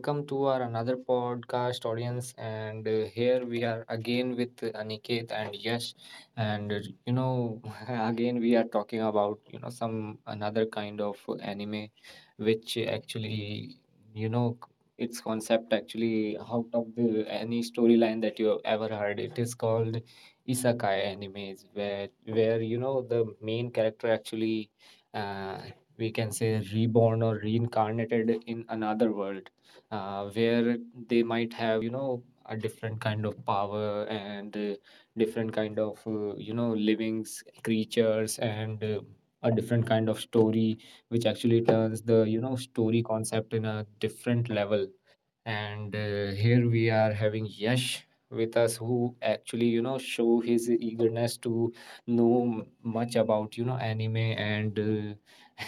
Welcome to our another podcast audience, and here we are again with Aniket and Yash, and you know again we are talking about some another kind of anime, which actually you know its concept actually out of the any storyline that you have ever heard. It is called isekai animes, where the main character actually uh, we can say reborn or reincarnated in another world, where they might have a different kind of power, and different kind of livings creatures, and a different kind of story, which actually turns the story concept in a different level. And here we are having Yash with us, who actually show his eagerness to know much about anime, and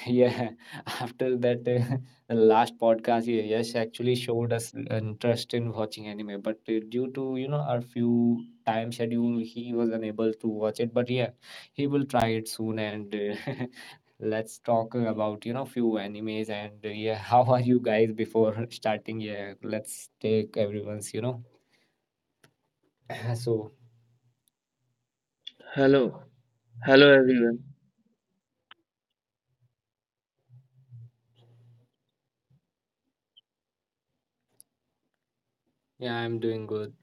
yeah, after that the last podcast, yes, actually showed us interest in watching anime, but due to our few time schedule, he was unable to watch it. But yeah, he will try it soon, and let's talk about few animes, and yeah, how are you guys before starting? Yeah, let's take everyone's. So Hello, hello everyone. yeah, I'm doing good.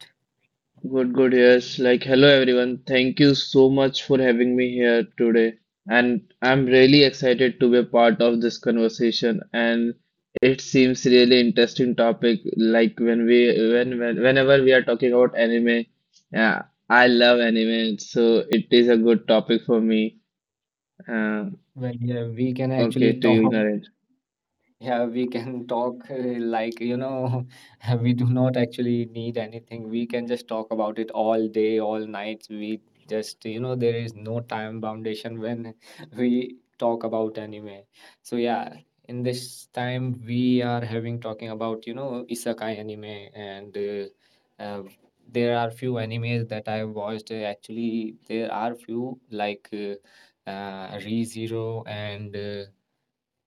Good, good. Yes, like hello everyone. Thank you so much for having me here today. And I'm really excited to be a part of this conversation. And it seems really interesting topic. Like whenever we are talking about anime, yeah, I love anime, so it is a good topic for me. Uh, Well, yeah, we can actually okay, to you, talk. Narendra. Yeah, we can talk like, we do not actually need anything. We can just talk about it all day, all night. We just, there is no time foundation when we talk about anime. So yeah, in this time we are having talking about, isekai anime, and there are few animes that I watched. Actually, there are few like ReZero, and uh,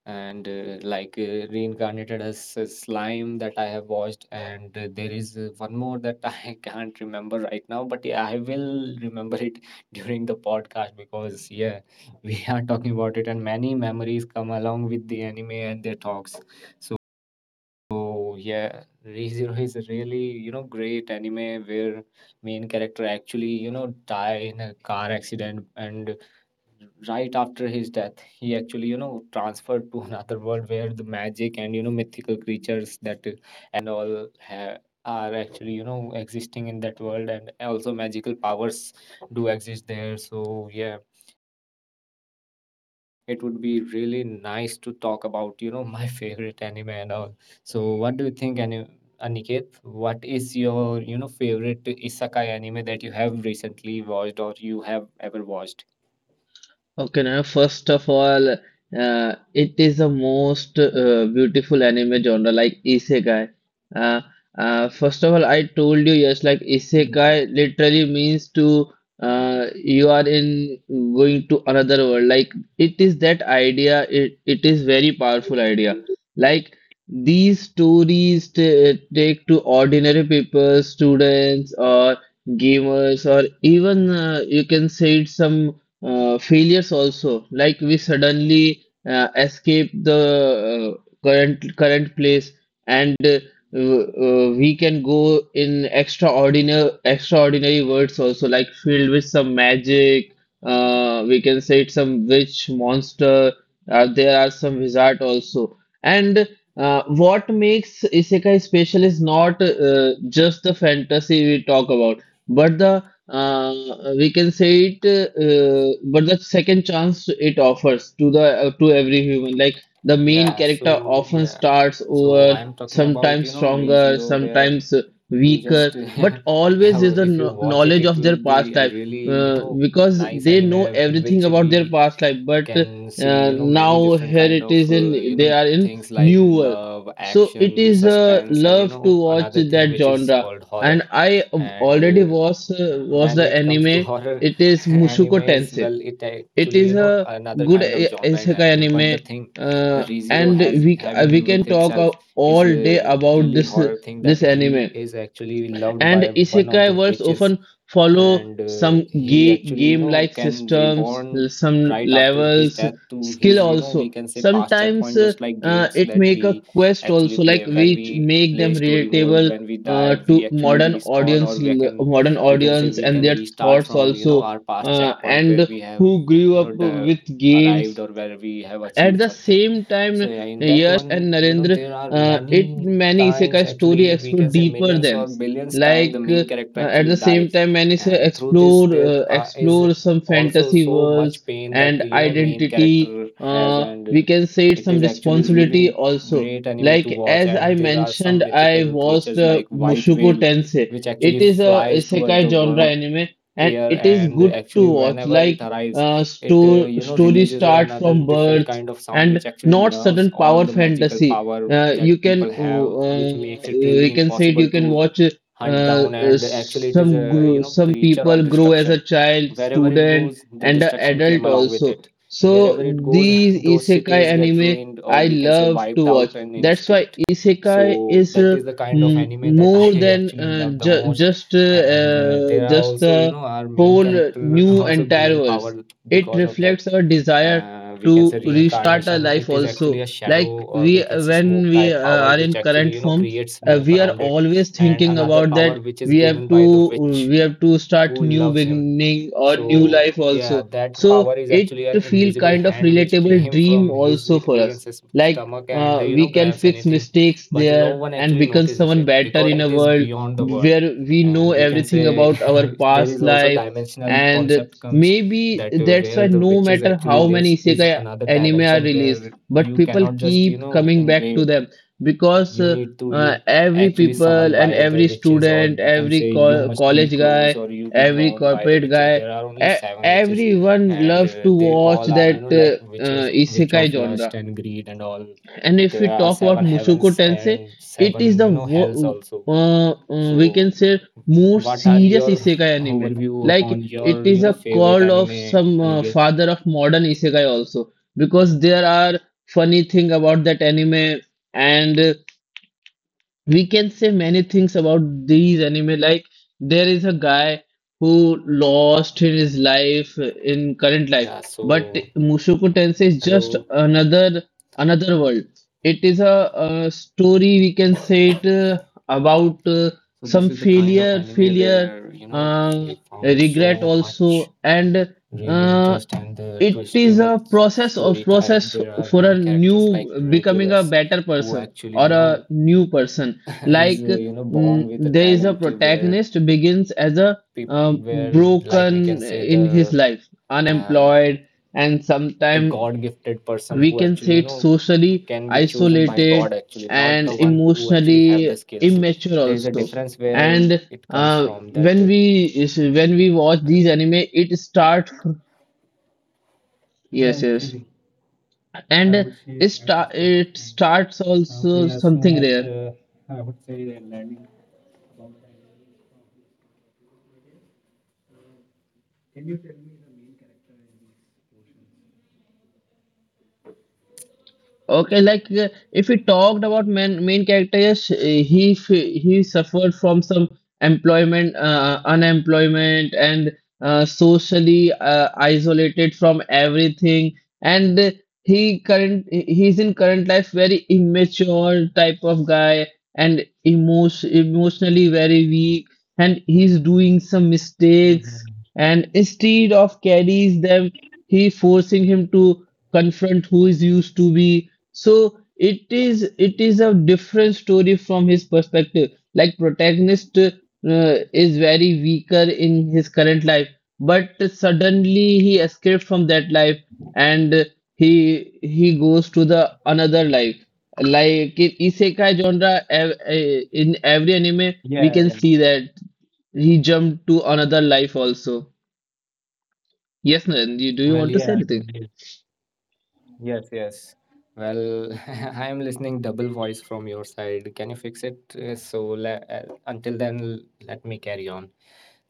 and uh, like reincarnated as a slime that I have watched. And there is one more that I can't remember right now, but yeah, I will remember it during the podcast, because yeah, we are talking about it, and many memories come along with the anime and their talks. So yeah, ReZero is a really great anime, where main character actually die in a car accident, and right after his death he actually transferred to another world, where the magic and mythical creatures that and all have are actually existing in that world, and also magical powers do exist there. So yeah, it would be really nice to talk about my favorite anime and all. So what do you think, Aniket? What is your favorite isekai anime that you have recently watched or you have ever watched? Okay, now first of all, it is the most beautiful anime genre, like isekai. Uh, First of all, I told you yes, like isekai literally means to you are in going to another world. Like it is that idea. It is very powerful idea. Like these stories t take to ordinary people, students or gamers, or even you can say it some failures also, like we suddenly escape the current place, and we can go in extraordinary words also, like filled with some magic, we can say it's some witch monster, there are some wizard also. And what makes isekai special is not just the fantasy we talk about, but the uh, we can say it but the second chance it offers to the to every human. Like the main Yeah, character so often yeah, starts over, so I'm talking about sometimes Re stronger, Zero, where sometimes you weaker, just but always is the if you watch it, knowledge it of their will past be a life, really you know because nice they anime, know in everything which about their we past life, you but can see many now different here kind it of is in they are in things like new world. love, So it action, is a suspense, and love to watch another thing that which is genre, called horror. and I And already was when the it comes to anime. horror It is anime Mushoku is, Tensei. well, it It actually is a another good kind of genre in isekai anime. But anime, the thing the rezero and has we c- uh, having it we with can talk itself is all day a about really this horror thing, that this he anime. is actually loved And by one of the isekai worlds witches. often follow And some he actually game-like can systems, reborn some right after his levels, death to skill his we also. can say past Sometimes checkpoint, just like games it that make a we quest actually also, like play. When which we make play them story mode, relatable when we die, we to actually modern respawn, or audience, we can modern we can say audience we and can their restart thoughts from also, our past checkpoint, where and we have who grew up the with arrived, games. or where we have At achieved the something. same So time, yeah, in that Yash one, and Narendra, there are it many many times isekai story actually, we explore can say deeper millions or themes. billions time, the Like main character at actually the same dies. time, many say And through this explore there uh, is explore some also fantasy so much worlds pain that and main identity. character has. And We can say it's it some is actually responsibility really also. great anime to Like watch. as I And there are some mentioned, I mythical watched creatures like white Mushoku whale, Tensei. which actually It is a flies toward isekai the genre anime, and air, it is and good to actually watch. whenever it Like arrives, it story releases start another from different birth kind of sound and which actually not nerves certain all power the magical fantasy. power You that people can have, which makes it really you can say it. impossible You can to watch hunt down. And actually it is some a grow, some creature of people grow as a destruction. child, Wherever it student, goes, the and an destruction came adult along with also. it. So Wherever it goes, these those isekai cities get anime ruined, or I we can say love wiped to out watch. an That's why instinct. isekai So is that is the kind of anime that more I than actually love the ju- most. And there are just also the our main whole character new also gain entire power worlds. It because of that reflects our desire we can to say restart our reincarnation. life It is actually also, a shadow, like or we we can say when smoke we type power, are which in actually current form, creates smoke we are around it, always and thinking another about that power which is we given have by the to witch we have to start who new loves him. beginning or new So life yeah, also. that power So is it actually an feel invisible kind of hand which relatable came dream from his also for we can us, say like stomach, and we can grabs fix anything, mistakes but no there one and actually become notices someone it better because in a it is world beyond the world. where we know And we can everything say about our there past is also life. dimensional And concept comes maybe that that's where why the no witches matter how actually many lives is isekai another anime are dimension, released, where but you people cannot just keep coming back to invade, them, because you need to you every actually people summoned and by the every witches, or student, we can every say you must be college close, guy, or you be every known by the corporate witches. guy, There are only seven witches, everyone and loves to they watch all are, that like witches, witch isekai of lust genre. and greed and all. And if There we are talk about seven Mushoku heavens Tensei, and it is seven the hells also. We can So say more what are serious your isekai anime. overview Like upon it your is a favorite call of anime, some Aniket? father of modern isekai also, because there are funny thing about that anime. And we can say many things about these anime. Like there is a guy who lost in his life in current life, Yeah, but so Mushoku Tensei is just hello. another World. It is a, story we can say it about So this some is the kind of failure, anime failure, where we uh, found so regret much also, and real uh, interest and the it is twisting a process of story type. process There are for a many new characters like becoming a Regulus, better who person actually or a new person. is Like born with a there is a talent to where protagonist begins as a like we can broken say in his life, um unemployed, and the sometime God gifted person, we who can actually say it's socially can be chosen by God isolated actually, not and the one who actually have emotionally the skills. immature There is a also. difference where And it comes uh, from that. when we when we watch these anime, it starts, Yeah, yes, yes, actually, I and would say at this point of it time. starts also We are so something much, rare. I would say, learning. Can you? Okay, like if we talked about main character, yes, he suffered from some employment, unemployment, and socially isolated from everything. And he's in current life very immature type of guy, and emotionally very weak. And he's doing some mistakes. Mhm. And instead of carries them, he forcing him to confront who is used to be. So it is a different story from his perspective. Like protagonist is very weaker in his current life, but suddenly he escaped from that life, and he goes to the another life. Like in isekai genre, in every anime we Yeah, can yeah. see that he jumped to another life also. Yes, Naren, do you Well, want to say yeah, anything? maybe. Yes, yes. Well, I am listening double voice from your side. Can you fix it? So until then, let me carry on.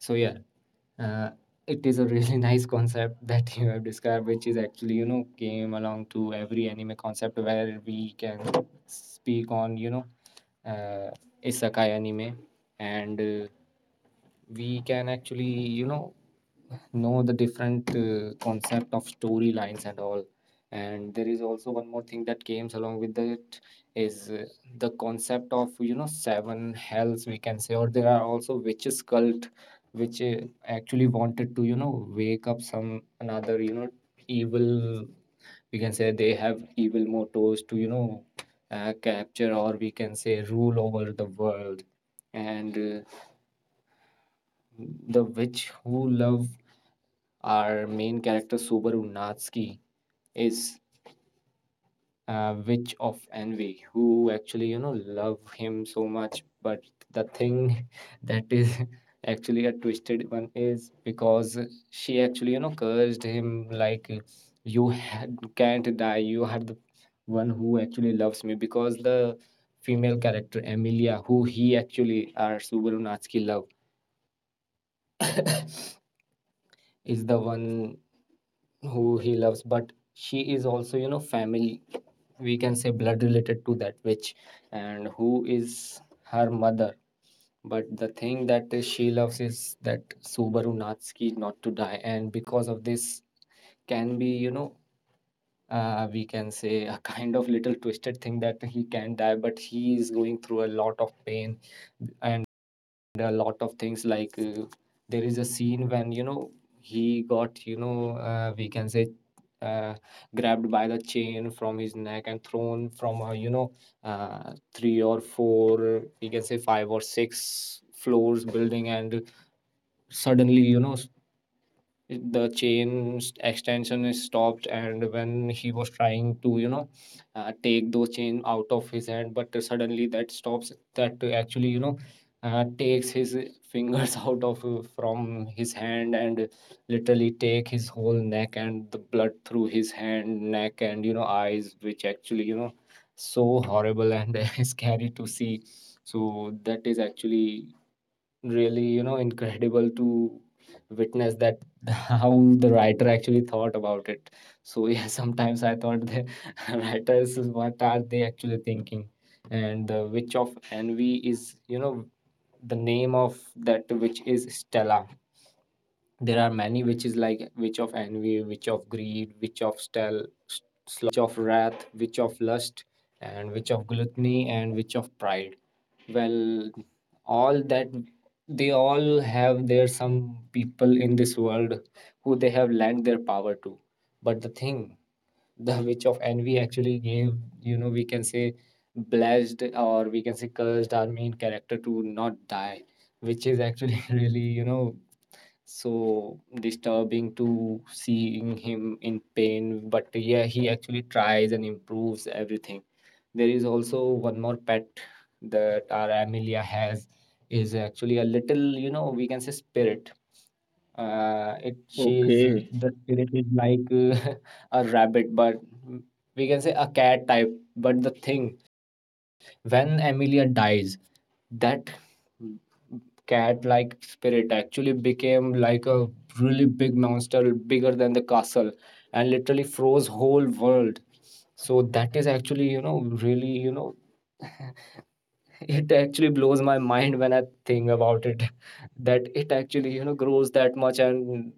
So yeah, uh, it is a really nice concept that you have described, which is actually came along to every anime concept, where we can speak on uh, isekai anime. And we can actually you know know the different concept of storylines and all. And there is also one more thing that comes along with it, is the concept of seven hells, we can say, or there are also witches cult, which actually wanted to wake up some another evil, we can say. They have evil mottos to capture, or we can say rule over the world. And uh, the witch who love our main character Subaru Natsuki is a witch of envy, who actually love him so much. But the thing that is actually a twisted one is because she actually cursed him like, you can't die, you are the one who actually loves me. Because the female character Emilia, who he actually, our Subaru Natsuki love, is the one who he loves, but she is also family, we can say, blood related to that witch, and who is her mother. But the thing that she loves is that Subaru Natsuki not to die. And because of this can be we can say a kind of little twisted thing that he can die, but he is going through a lot of pain and a lot of things. Like there is a scene when he got we can say uh, grabbed by the chain from his neck and thrown from three or four, we can say five or six floors building, and suddenly the chain extension is stopped. And when he was trying to take those chain out of his hand, but suddenly that stops, that actually takes his fingers out of from his hand, and literally take his whole neck and the blood through his hand, neck, and eyes, which actually so horrible and scary to see. So that is actually really incredible to witness that how the writer actually thought About it. So yeah, sometimes I thought the writers, what are they actually thinking? And the Witch of Envy is, the name of that witch is Stella. There are many witches, like Witch of Envy, Witch of Greed, Witch of of Wrath, Witch of Lust, and Witch of Gluttony, and Witch of Pride. Well, all that, they all have their some people in this world who they have lent their power to. But the thing, the Witch of Envy actually gave, we can say blessed, or we can say cursed our main character to not die, which is actually really, so disturbing to seeing him in pain. But yeah, he actually tries and improves everything. There is also one more pet that our Amelia has is actually a little, we can say spirit. It she is Okay. the spirit is like a rabbit, but mm, we can say a cat type. But the thing, when Amelia dies, that cat like spirit actually became like a really big monster, bigger than the castle, and literally froze whole world. So that is actually, really, it actually blows my mind when I think about it, that it actually, grows that much and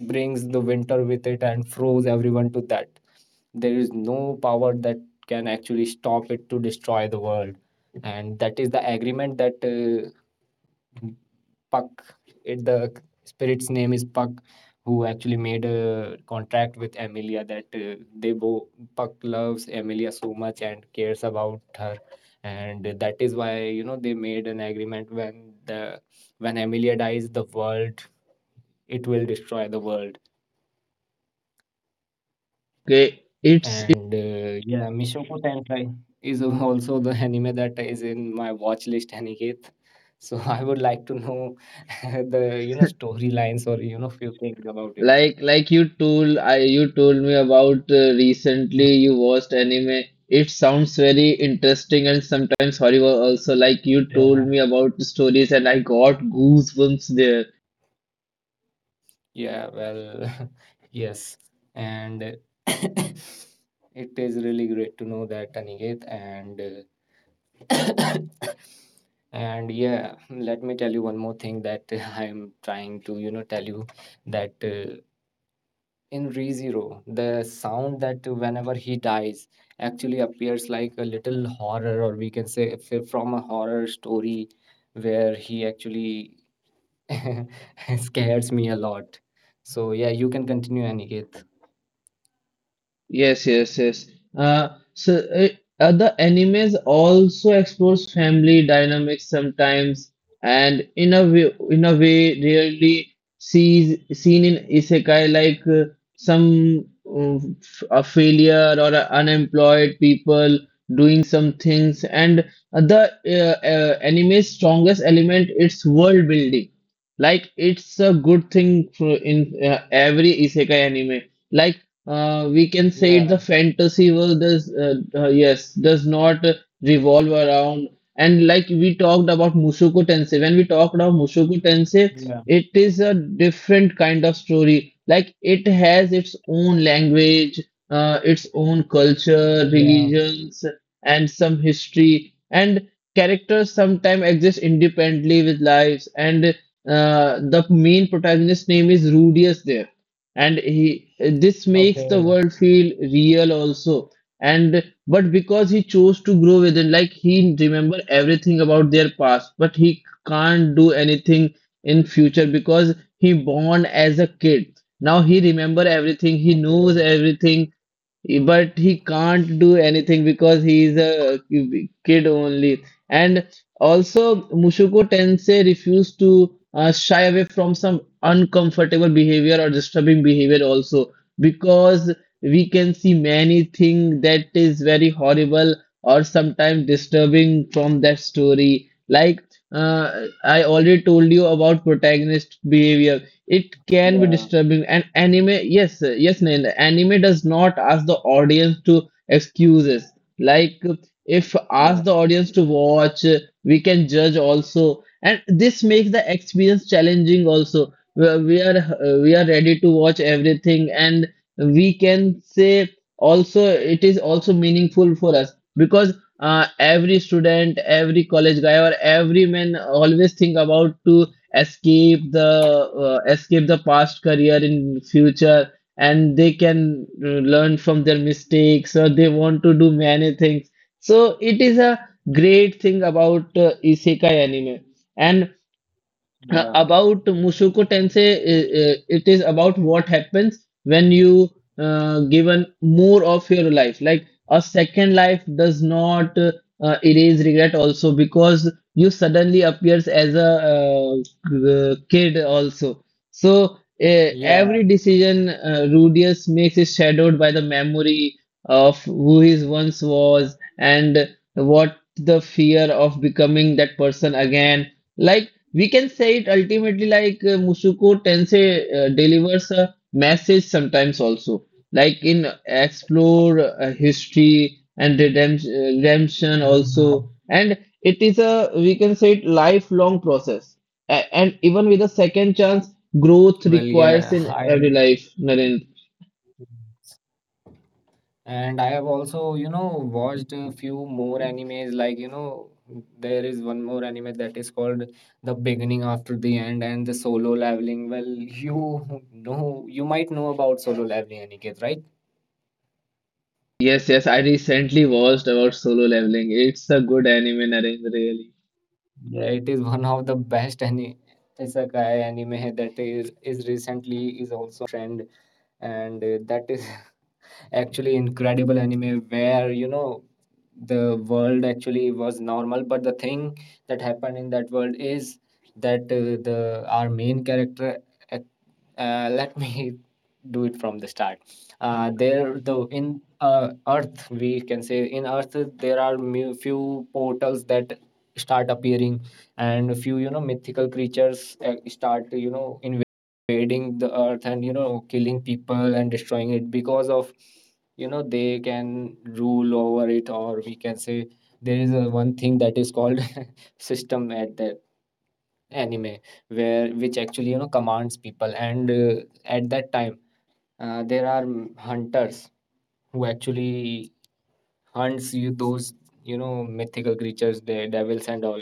brings the winter with it and froze everyone to that there is no power that can actually stop it to destroy the world. And that is the agreement that Puck. It, the spirit's name is Puck, who actually made a contract with Amelia, that they both Puck loves Amelia so much and cares about her, and that is why, they made an agreement when the when Amelia dies, the world it will destroy the world. Okay, it's And yeah, Mishoko Tenkai is also the anime that is in my watch list, Aniket. So I would like to know the, storylines or, few things about it. like you told, I you told me about, recently you watched anime. It sounds very interesting, and sometimes horrible also. Like you Yeah. told me about the stories, and I got goosebumps there. Yeah, well, yes. And it is really great to know that, Aniket. And uh, and yeah, let me tell you one more thing that I'm trying to, tell you that in ReZero, the sound that whenever he dies actually appears like a little horror, or we can say from a horror story where he actually it scares me a lot. So yeah, you can continue, Aniket. Yes, yes, yes. So the animes also explores family dynamics sometimes, and in a way, rarely sees seen in isekai, like some a failure or a unemployed people doing some things. And the anime's strongest element its world building. Like it's a good thing for in every isekai anime. Like we can say Yeah, the fantasy world does yes does not revolve around. And like we talked about Mushoku Tensei, when we talked about Mushoku Tensei, yeah, it is a different kind of story. Like it has its own language, its own culture, yeah. religions, and some history. And characters sometimes exist independently with lives. And the main protagonist name is Rudius there, and he this makes the Okay, world feel real also. And but because he chose to grow within, like he remember everything about their past, but he can't do anything in future, because he born as a kid. Now he remember everything, he okay. knows everything, but he can't do anything because he is a kid only. And also, Mushoku Tensei refused to shy away from some uncomfortable behavior or disturbing behavior also, because we can see many things that is very horrible or sometimes disturbing from that story. Like I already told you about protagonist behavior. It can be Yeah, disturbing. And anime, yes, yes, Nain, anime does not ask the audience to excuses. Like if yeah, ask the audience to watch, we can judge also. And this makes the experience challenging also. Where we are ready to watch everything. And we can say also it is also meaningful for us, because every student, every college guy or every man, always think about to escape the past career in future. And they can learn from their mistakes, or they want to do many things. So it is a great thing about isekai anime. And yeah, about Mushoku Tensei, it is about what happens when you given more of your life. Like a second life does not erase regret also, because you suddenly appears as a kid also. So yeah. every decision Rudius makes is shadowed by the memory of who he once was, and what the fear of becoming that person again. Like we can say it ultimately, like Mushoku Tensei delivers a message sometimes also, like in explore history and redemption Hmm. also. And it is a we can say it lifelong process. And even with a second chance, growth Well, requires yeah. in I every life. Narendra. And I have also, watched a few more animes. Like, there is one more anime that is called The Beginning After the End and the Solo Leveling. Well, you might know about Solo Leveling, Aniket, right? Yes, yes, I recently watched about Solo Leveling. It's a good anime, Narendra, really. Yeah, it is one of the best any isekai anime that is recently is also trend, and that is actually incredible anime where, the world actually was normal. But the thing that happened in that world is that the our main character ac- let me do it from the start. There though in earth, we can say in earth, there are few portals that start appearing, and a few, mythical creatures start, invading the earth and, killing people and destroying it because of, they can rule over it, or we can say there is a one thing that is called system at the anime where which actually, commands people. And at that time there are hunters who actually hunts you those, mythical creatures, the devils and all,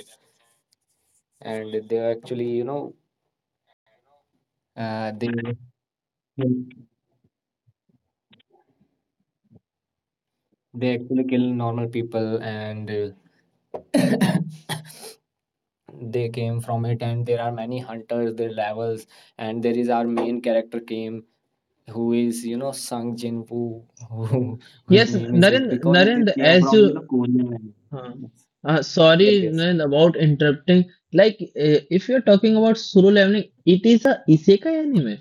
and they actually, uh, they they actually kill normal people. And uh, they came from it, and there are many hunters, their levels, and there is our main character came who is, Sung Jin Woo, who, whose Yes, name is Naren, it because it Naren, is came as from, you Korean language. huh. Yes, yes, Sorry yes. Nan, about interrupting. Like, if you're talking about Solo Leveling, it is a isekai anime.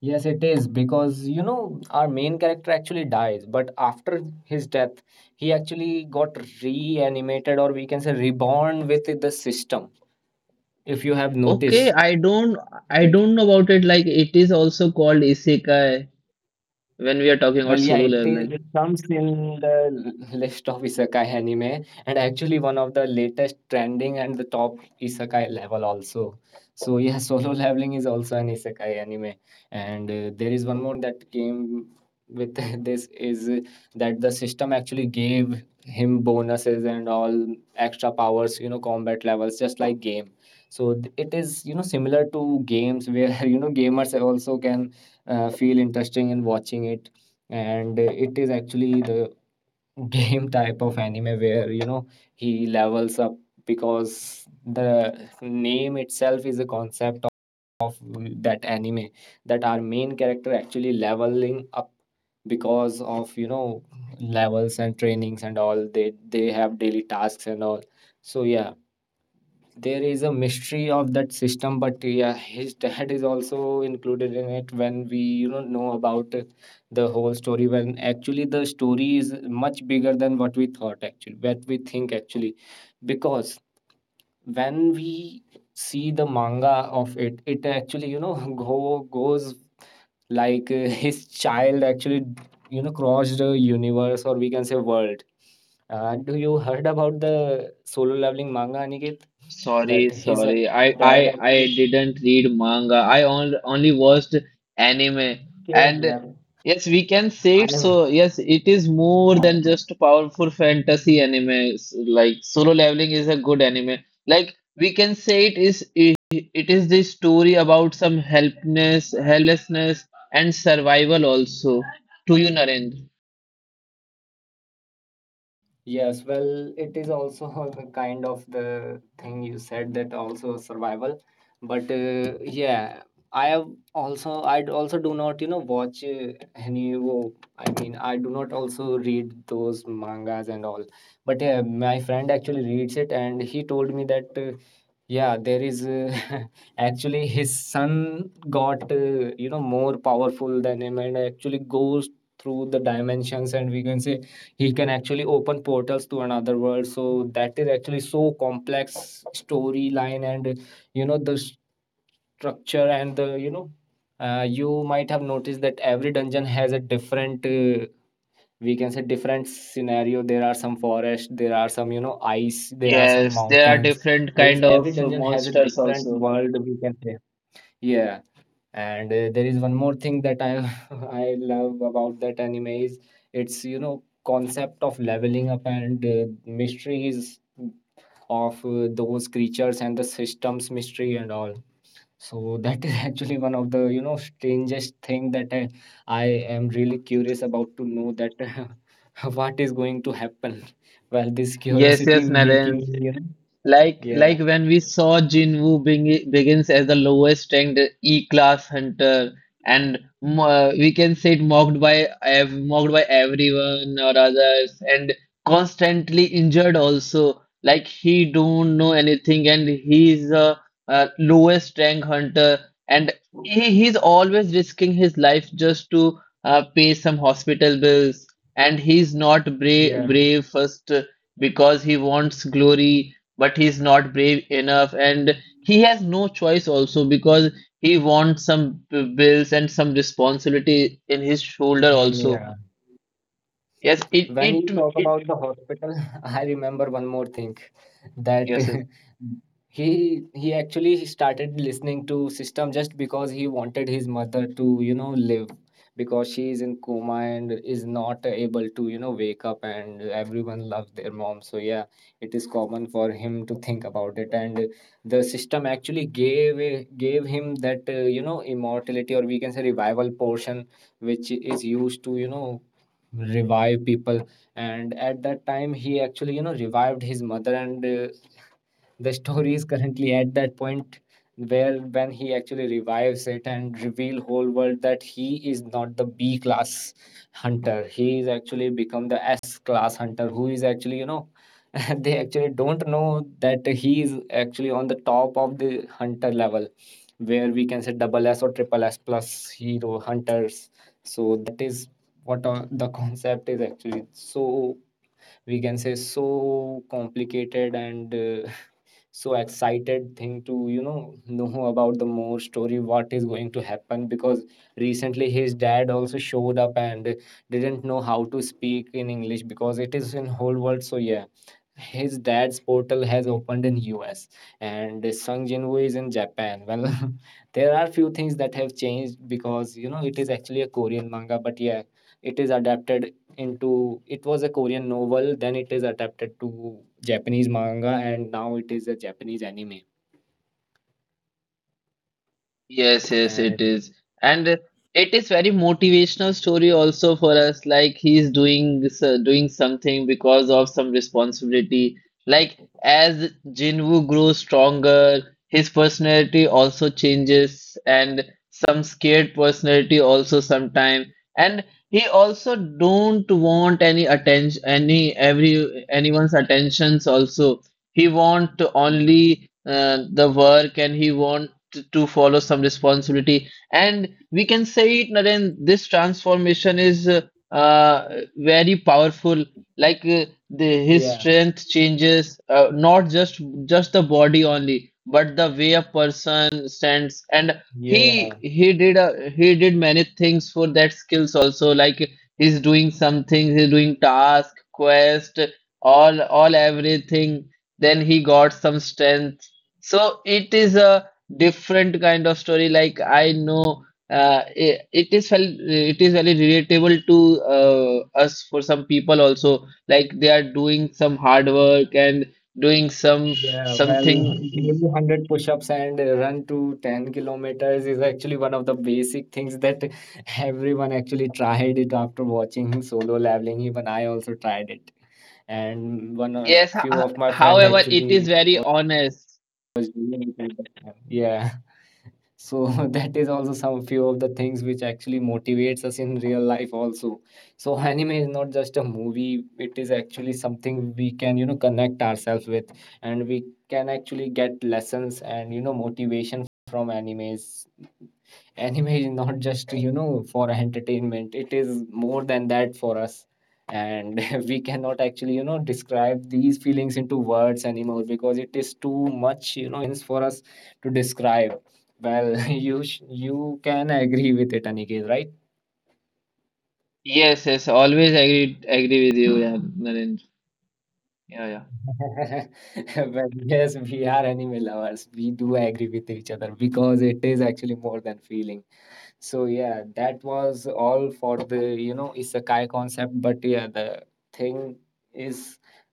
Yes, it is because, our main character actually dies, but after his death, he actually got reanimated, or we can say reborn, with the system. If you have Okay, noticed, I don't know about it. Like, it is also called isekai when we are talking well, about yeah, Solo it i- Leveling. it comes in the list of isekai anime, and actually one of the latest trending and the top isekai level also. So yeah, Solo Leveling is also an isekai anime, and there is one more that came with this is that the system actually gave him bonuses and all extra powers, combat levels just like game. So it is, similar to games where gamers also can feel interesting in watching it. And it is actually the game type of anime where, he levels up because the name itself is a concept of that anime that our main character actually leveling up because of, levels and trainings and all. They have daily tasks and all. So yeah, there is a mystery of that system. But yeah, his dad is also included in it, when we, know about the whole story, when actually the story is much bigger than what we thought actually, what we think actually, because when we see the manga of it, it actually, go goes like his child actually, crossed a universe, or we can say world. Do you heard about the Solo Leveling manga, Aniket, that Sorry, his sorry. I dad I I actually didn't read manga. Only watched anime. came? And Well, yes, we can say I it. have. So yes, it is more than just powerful fantasy anime. Like Solo Leveling is a good anime. Like we can say it is the story about some helplessness, and survival also. To you, Narendra. Yes, well, it is also the kind of the thing you said, that also survival, but yeah, I have also also do not, watch any wo- I mean, I do not also read those mangas and all, but yeah, my friend actually reads it and he told me that. Yeah, there is actually his son got more powerful than him and actually goes through the dimensions, and we can say he can actually open portals to another world. So that is actually so complex storyline. And the structure and the, you might have noticed that every dungeon has a different we can say different scenario. There are some forest, there are some, ice, there are some Yes, there are mountains, different there is kind every of dungeon has a monsters different also. world, we can say. Yeah. And there is one more thing that I I love about that anime is it's, concept of leveling up, and mysteries of those creatures and the systems mystery and all. So that is actually one of the, strangest thing that I am really curious about to know that what is going to happen. Well, this Yes, curiosity yes, making Narendra. me, Like yeah. like when we saw Jinwoo begins as the lowest ranked E-class hunter, and we can say it mocked by ev mocked by everyone or others, and constantly injured also. Like he don't know anything, and he's a, lowest rank hunter, and he's always risking his life just to pay some hospital bills. And he's not brave Yeah, brave first because he wants glory, but he's not brave enough, and he has no choice also, because he wants some bills and some responsibility in his shoulder well, also. yeah. Yes, it When you it, talk it about the hospital, I remember one more thing that yes, yes. he actually started listening to system just because he wanted his mother to, live because she is in coma and is not able to, wake up, and everyone loves their mom. So yeah, it is common for him to think about it. And the system actually gave him that immortality, or we can say revival portion, which is used to, revive people. And at that time he actually, revived his mother. And the story is currently at that point where when he actually revives it and reveal whole world that he is not the B class hunter. He is actually become the S class hunter who is actually, they actually don't know that he is actually on the top of the hunter level where we can say double S or triple S plus hero hunters. So that is what the concept is actually, so we can say so complicated. And so excited thing to, know about the more story what is going to happen, because recently his dad also showed up and didn't know how to speak in English because it is in whole world. So yeah, his dad's portal has opened in US and Sung Jinwoo is in Japan. Well, there are few things that have changed because, it is actually a Korean manga, but yeah, it is adapted into it was a Korean novel, then it is adapted to Japanese manga, and now it is a Japanese anime. Yes, yes, And it is. And it is very motivational story also for us. Like he's doing this, doing something because of some responsibility. Like as Jinwoo grows stronger, his personality also changes, and some scared personality also sometime. And he also don't want any attention, anyone's attentions also. He want Mm, only the work, and he want to follow some responsibility. And we can say it, Naren, this transformation is uh, very powerful. Like the, his yeah, strength changes, not just the body only, but the way a person stands. And yeah, he did many things for that skills also. Like he's doing some things, he's doing task, quest, all everything. Then he got some strength. So it is a different kind of story. Like I know it is very relatable to us for some people also. Like they are doing some hard work and doing some yeah. Well, something. daily 100 push-ups and run to 10 kilometers is actually one of the basic things that everyone actually tried it after watching Solo Leveling. Even I also tried it, and one of Yes, few of my friend however it is actually very honest. was doing it at that time. Yeah. So that is also some few of the things which actually motivates us in real life also. So anime is not just a movie, it is actually something we can, connect ourselves with, and we can actually get lessons and, motivation from animes. Anime is not just, for entertainment, it is more than that for us. And we cannot actually, describe these feelings into words anymore because it is too much, for us to describe. Well, you can agree with it, Aniket, right? Yes, yes, always agree with you, yeah Narendra. Yeah, yeah. Well, yes, we are anime lovers, we do agree with each other because it is actually more than feeling. So yeah, that was all for the, isekai concept. But yeah, the thing is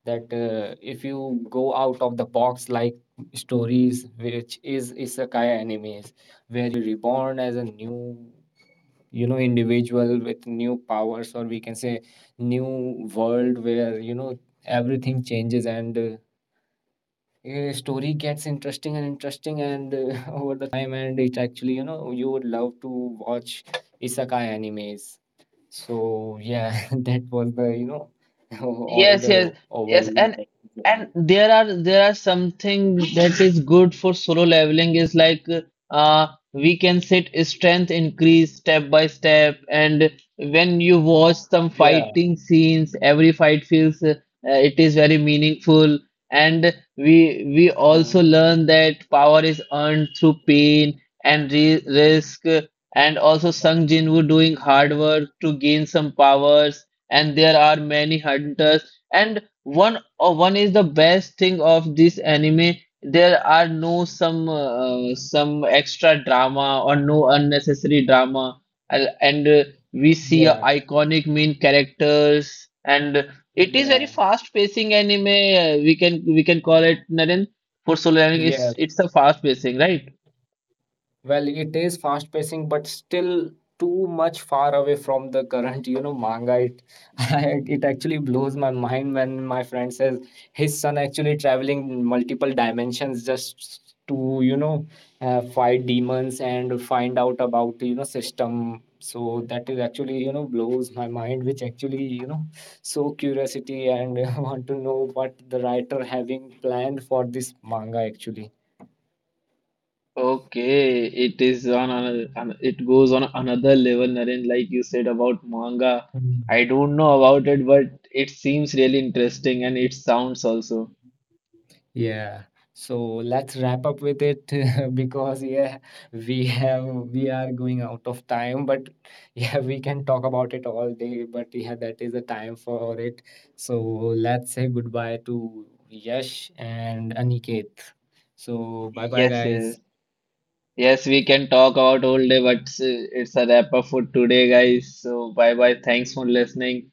that if you go out of the box, like stories, which is isekai animes, where reborn as a new, individual with new powers, or we can say new world where, everything changes, and a story gets interesting and interesting, and over the time, and it actually, you would love to watch isekai animes. So yeah, that was the, all Yes, the yes, yes, overview. and there are something that is good for Solo Leveling is, like we can set strength increase step by step. And when you watch some Yeah, fighting scenes, every fight feels it is very meaningful. And we yeah, also learn that power is earned through pain and re risk. And also Sung Jinwoo doing hard work to gain some powers, and there are many hunters. And one is the best thing of this anime, there are no some some extra drama or no unnecessary drama, and we see a yeah, iconic main characters, and it is very yeah, fast pacing anime, we can call it Naren for solo learning. yeah. It's a fast pacing, right? Well, it is fast pacing, but still too much far away from the current, manga. It it actually blows my mind when my friend says his son actually traveling multiple dimensions just to, fight demons and find out about, system. So that is actually, blows my mind, which actually, so curiosity and want to know what the writer having planned for this manga actually. Okay, it is on it goes on another level, Naren, like you said about manga. I don't know about it, but it seems really interesting, and it sounds also. Yeah. So let's wrap up with it, because yeah, we have we are going out of time. But yeah, we can talk about it all day, but yeah, that is the time for it. So let's say goodbye to Yash and Aniket. So bye bye, Yes, yes, guys. yes, we can talk about all day, but it's a wrap up for today, guys. So, bye bye. Thanks for listening.